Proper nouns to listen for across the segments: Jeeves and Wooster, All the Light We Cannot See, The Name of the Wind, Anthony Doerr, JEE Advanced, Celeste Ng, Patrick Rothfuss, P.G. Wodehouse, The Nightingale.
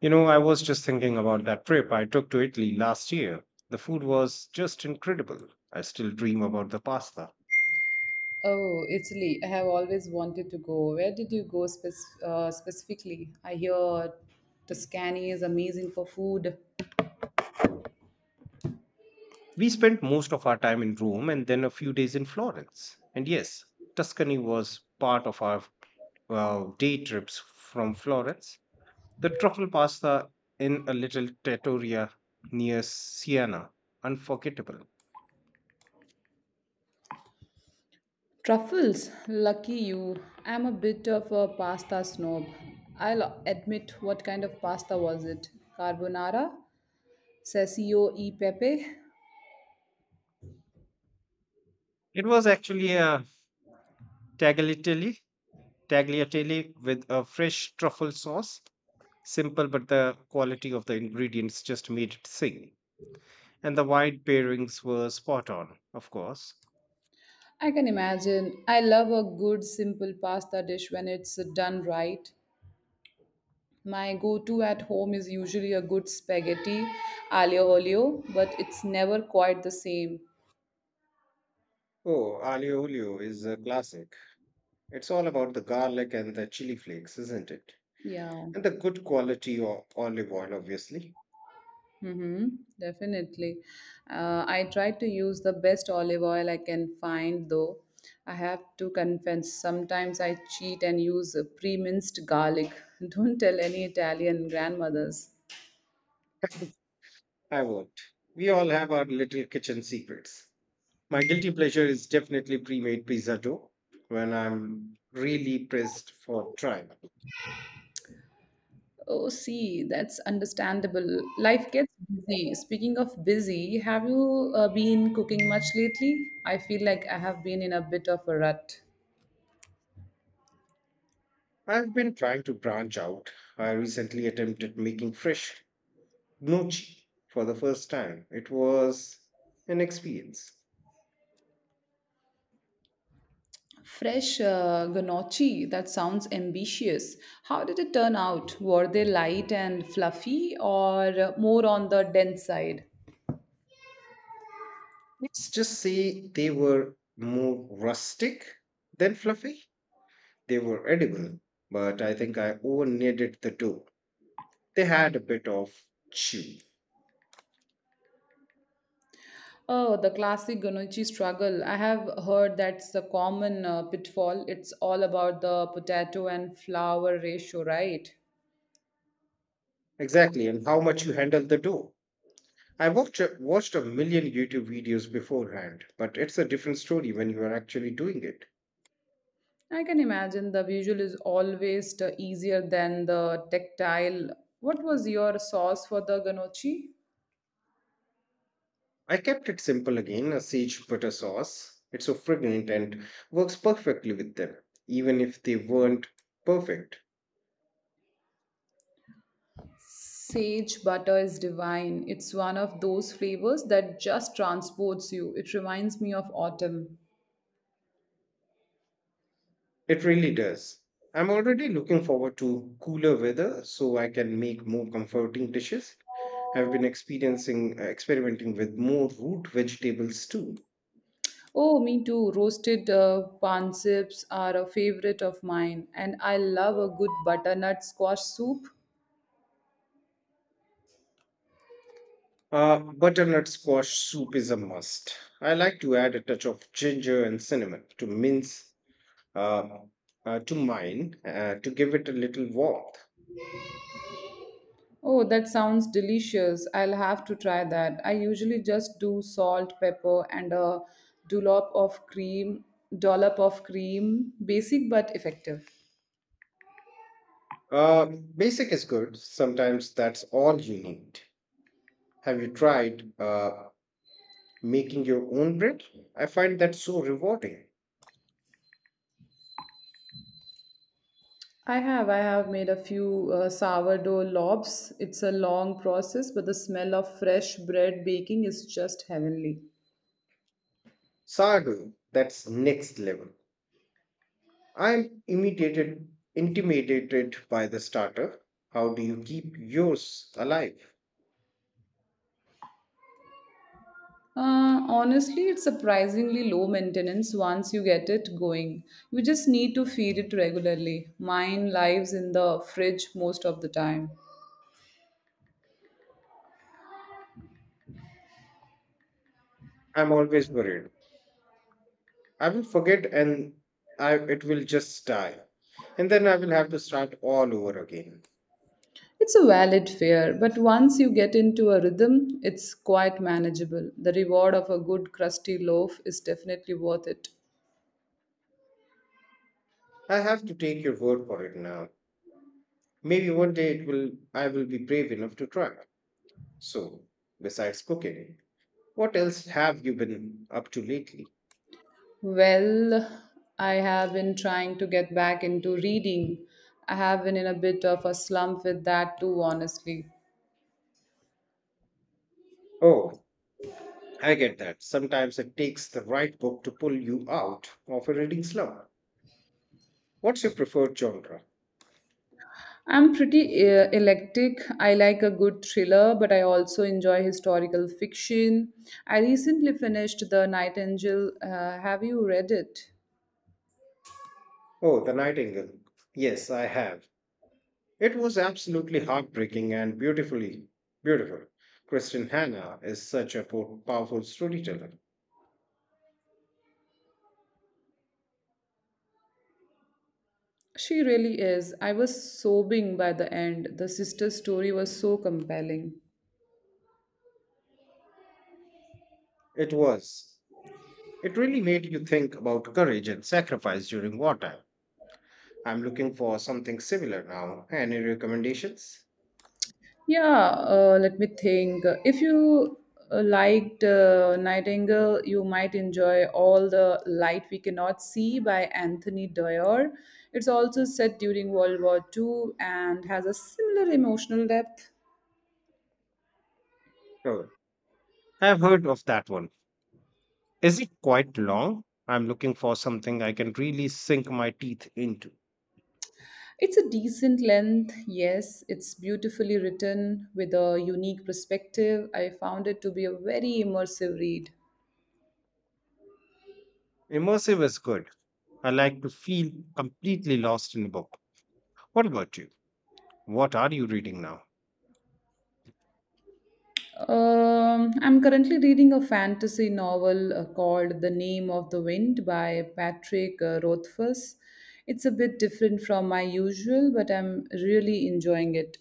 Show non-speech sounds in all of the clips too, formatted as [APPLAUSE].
You know, I was just thinking about that trip I took to Italy last year. The food was just incredible. I still dream about the pasta. Oh, Italy. I have always wanted to go. Where did you go specifically? I hear Tuscany is amazing for food. We spent most of our time in Rome and then a few days in Florence. And yes, Tuscany was part of our day trips from Florence. The truffle pasta in a little trattoria near Siena, unforgettable. Truffles. Lucky you. I'm a bit of a pasta snob. I'll admit, what kind of pasta was it? Carbonara? Ceccio e pepe? It was actually a tagliatelle, tagliatelle with a fresh truffle sauce. Simple, but the quality of the ingredients just made it sing. And the wine pairings were spot on, of course. I can imagine. I love a good simple pasta dish when it's done right. My go-to at home is usually a good spaghetti aglio olio, but it's never quite the same. Oh, aglio olio is a classic. It's all about the garlic and the chili flakes, isn't it? Yeah. And the good quality of olive oil, obviously. Mm-hmm, definitely. I try to use the best olive oil I can find, though. I have to confess, sometimes I cheat and use a pre-minced garlic. [LAUGHS] Don't tell any Italian grandmothers. [LAUGHS] I won't. We all have our little kitchen secrets. My guilty pleasure is definitely pre made pizza dough when I'm really pressed for time. Oh, see, that's understandable. Life gets busy. Speaking of busy, have you been cooking much lately? I feel like I have been in a bit of a rut. I've been trying to branch out. I recently attempted making fresh Gnocchi for the first time. It was an experience. Fresh gnocchi, that sounds ambitious. How did it turn out? Were they light and fluffy or more on the dense side? Let's just say they were more rustic than fluffy. They were edible, but I think I over kneaded the dough. They had a bit of chew. Oh, the classic gnocchi struggle. I have heard that's a common pitfall. It's all about the potato and flour ratio, right? Exactly, and how much you handle the dough. I watched a million YouTube videos beforehand, but it's a different story when you are actually doing it. I can imagine the visual is always easier than the tactile. What was your sauce for the ganochi? I kept it simple again a siege butter sauce. It's so fragrant and works perfectly with them, even if they weren't perfect. Sage butter is divine. It's one of those flavors that just transports you. It reminds me of autumn. It really does. I'm already looking forward to cooler weather so I can make more comforting dishes. I've been experiencing experimenting with more root vegetables too. Oh, me too. Roasted panships are a favorite of mine, and I love a good butternut squash soup. Butternut squash soup is a must. I like to add a touch of ginger and cinnamon to mince uh, to mine to give it a little warmth. Oh, that sounds delicious. I'll have to try that. I usually just do salt, pepper, and a dollop of cream, dollop of cream. Basic but effective. Uh, Basic is good. Sometimes that's all you need. Have you tried making your own bread? I find that so rewarding. I have. I have made a few sourdough lobs. It's a long process, but the smell of fresh bread baking is just heavenly. Sago, that's next level. I'm imitated, intimidated by the starter. How do you keep yours alive? Honestly, it's surprisingly low maintenance once you get it going. You just need to feed it regularly. Mine lives in the fridge most of the time. I'm always worried. I will forget and it will just die. And then I will have to start all over again. It's a valid fear, but once you get into a rhythm, it's quite manageable. The reward of a good crusty loaf is definitely worth it. I have to take your word for it now. Maybe one day it will I will be brave enough to try. So, besides cooking, what else have you been up to lately? Well, I have been trying to get back into reading. I have been in a bit of a slump with that too, honestly. Oh, I get that. Sometimes it takes the right book to pull you out of a reading slump. What's your preferred genre? I'm pretty eclectic. I like a good thriller, but I also enjoy historical fiction. I recently finished The Nightingale. Have you read it? Oh, The Nightingale. Yes, I have. It was absolutely heartbreaking and beautiful. Kristen Hannah is such a powerful storyteller. She really is. I was sobbing by the end. The sister's story was so compelling. It was. It really made you think about courage and sacrifice during wartime. I'm looking for something similar now. Any recommendations? Yeah, let me think. If you liked Nightingale, you might enjoy All the Light We Cannot See by Anthony Doerr. It's also set during World War Two and has a similar emotional depth. Oh, I've heard of that one. Is it quite long? I'm looking for something I can really sink my teeth into. It's a decent length, yes. It's beautifully written with a unique perspective. I found it to be a very immersive read. Immersive is good. I like to feel completely lost in a book. What about you? What are you reading now? I'm currently reading a fantasy novel called The Name of the Wind by Patrick Rothfuss. It's a bit different from my usual, but I'm really enjoying it.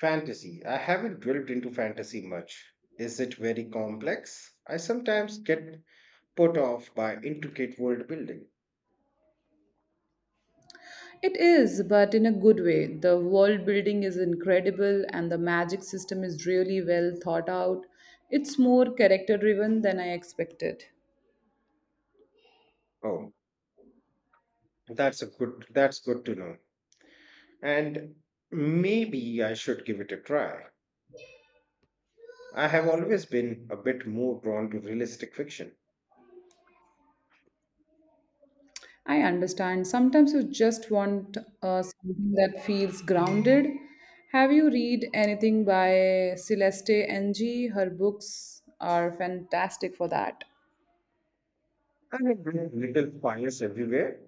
Fantasy. I haven't delved into fantasy much. Is it very complex? I sometimes get put off by intricate world building. It is, but in a good way. The world building is incredible and the magic system is really well thought out. It's more character driven than I expected. Oh, that's good to know. And maybe I should give it a try. I have always been a bit more drawn to realistic fiction. I understand. Sometimes you just want something that feels grounded. Have you read anything by Celeste Ng? Her books are fantastic for that. I mean, with little fires everywhere.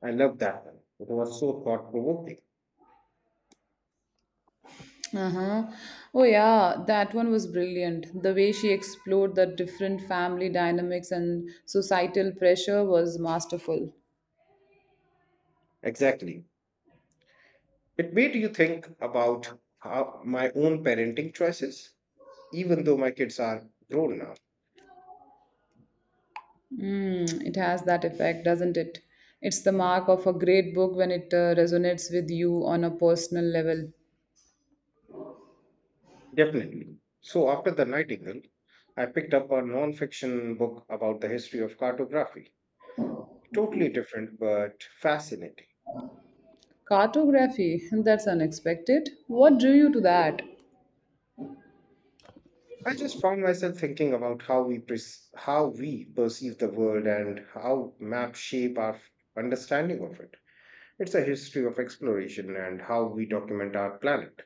I love that one. It was so thought provoking. Uh-huh. Oh yeah, that one was brilliant. The way she explored the different family dynamics and societal pressure was masterful. Exactly. It made you think about how my own parenting choices, even though my kids are grown now. Mm, it has that effect, doesn't it? It's the mark of a great book when it resonates with you on a personal level. Definitely. So after the Nightingale, I picked up a non-fiction book about the history of cartography. Totally different, but fascinating. Cartography, that's unexpected. What drew you to that? I just found myself thinking about how we perceive the world and how maps shape our understanding of it. It's a history of exploration and how we document our planet.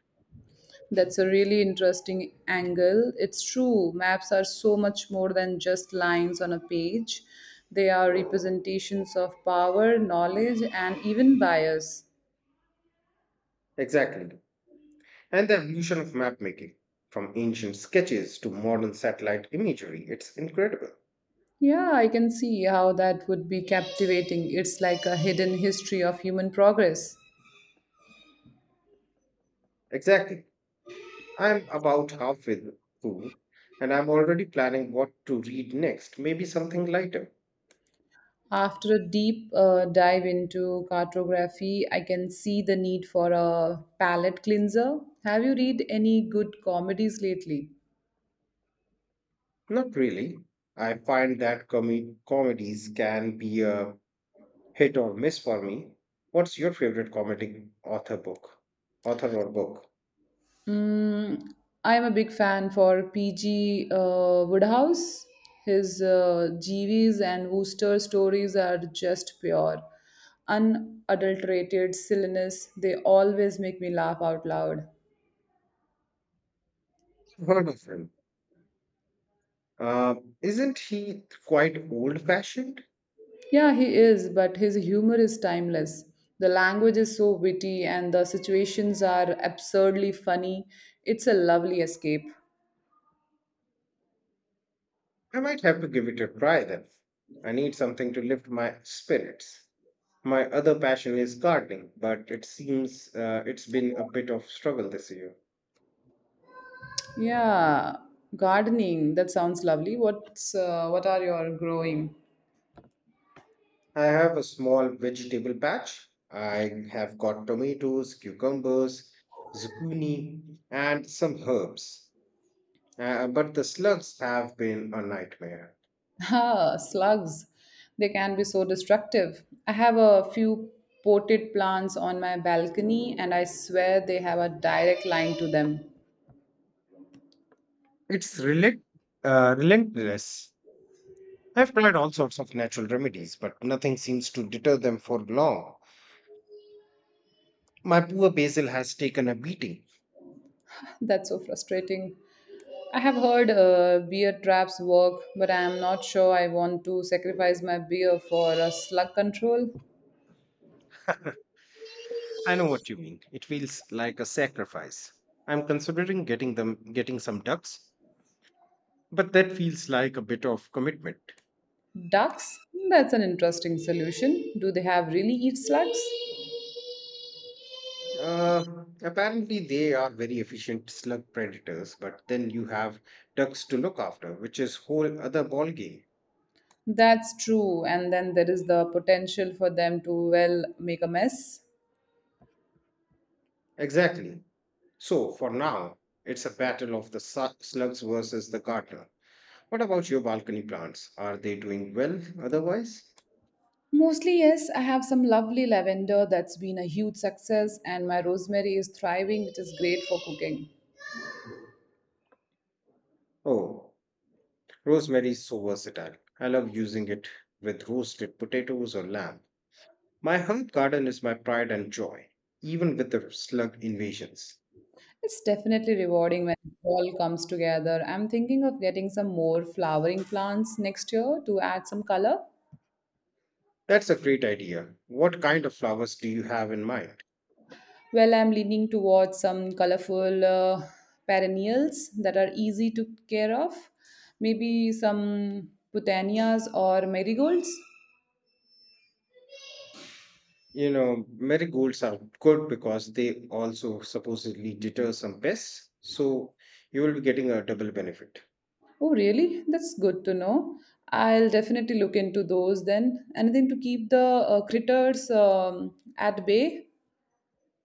That's a really interesting angle. It's true, maps are so much more than just lines on a page, they are representations of power, knowledge, and even bias. Exactly. And the evolution of map making from ancient sketches to modern satellite imagery. It's incredible. Yeah, I can see how that would be captivating. It's like a hidden history of human progress. Exactly. I'm about halfway through and I'm already planning what to read next, maybe something lighter. After a deep dive into cartography, I can see the need for a palette cleanser. Have you read any good comedies lately? Not really. I find that comedies can be a hit or miss for me. What's your favorite comedy author book? Author or book? Mm, I'm a big fan for P.G. Woodhouse. His Jeeves and Wooster stories are just pure, unadulterated silliness. They always make me laugh out loud. [LAUGHS] I've heard of him. Uh, isn't he quite old fashioned? Yeah, he is, but his humor is timeless. The language is so witty and the situations are absurdly funny. It's a lovely escape. I might have to give it a try then. I need something to lift my spirits. My other passion is gardening, but it seems it's been a bit of struggle this year. Yeah, gardening, that sounds lovely. What are your growing? I have a small vegetable patch. I have got tomatoes, cucumbers, zucchini, and some herbs. But the slugs have been a nightmare. [LAUGHS] Ah, slugs. They can be so destructive. I have a few potted plants on my balcony and I swear they have a direct line to them. It's relentless. I've tried all sorts of natural remedies, but nothing seems to deter them for long. My poor Basil has taken a beating. That's so frustrating. I have heard beer traps work, but I am not sure I want to sacrifice my beer for a slug control. [COUGHS] I know what you mean. It feels like a sacrifice. I'm considering getting some ducks, but that feels like a bit of commitment. Ducks? That's an interesting solution. Do they have really eat slugs? Uh, Apparently, they are very efficient slug predators, but then you have ducks to look after, which is whole other ballgame. That's true, and then there is the potential for them to, well, make a mess. Exactly. So for now, it's a battle of the slugs versus the gardener. What about your balcony plants? Are they doing well otherwise? Mostly, yes, I have some lovely lavender that's been a huge success, and my rosemary is thriving, which is great for cooking. Oh, rosemary is so versatile. I love using it with roasted potatoes or lamb. My herb garden is my pride and joy, even with the slug invasions. It's definitely rewarding when it all comes together. I'm thinking of getting some more flowering plants next year to add some color. That's a great idea. What kind of flowers do you have in mind? Well, I'm leaning towards some colorful perennials that are easy to care of. Maybe some putannias or marigolds. You know, marigolds are good because they also supposedly deter some pests, so you will be getting a double benefit. Oh, really? That's good to know. I'll definitely look into those then. Anything to keep the critters at bay?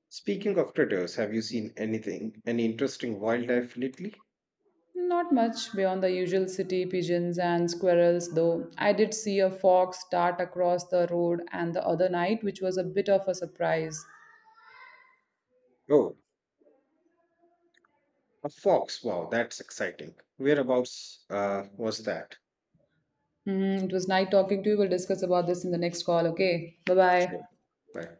Speaking of critters, have you any interesting wildlife lately? Not much beyond the usual city pigeons and squirrels, though. I did see a fox dart across the road and the other night, which was a bit of a surprise. Oh, a fox. Wow, that's exciting. Whereabouts was that? Mhm, it was nice talking to you. We'll discuss about this in the next call, okay? Bye bye. Sure. Bye.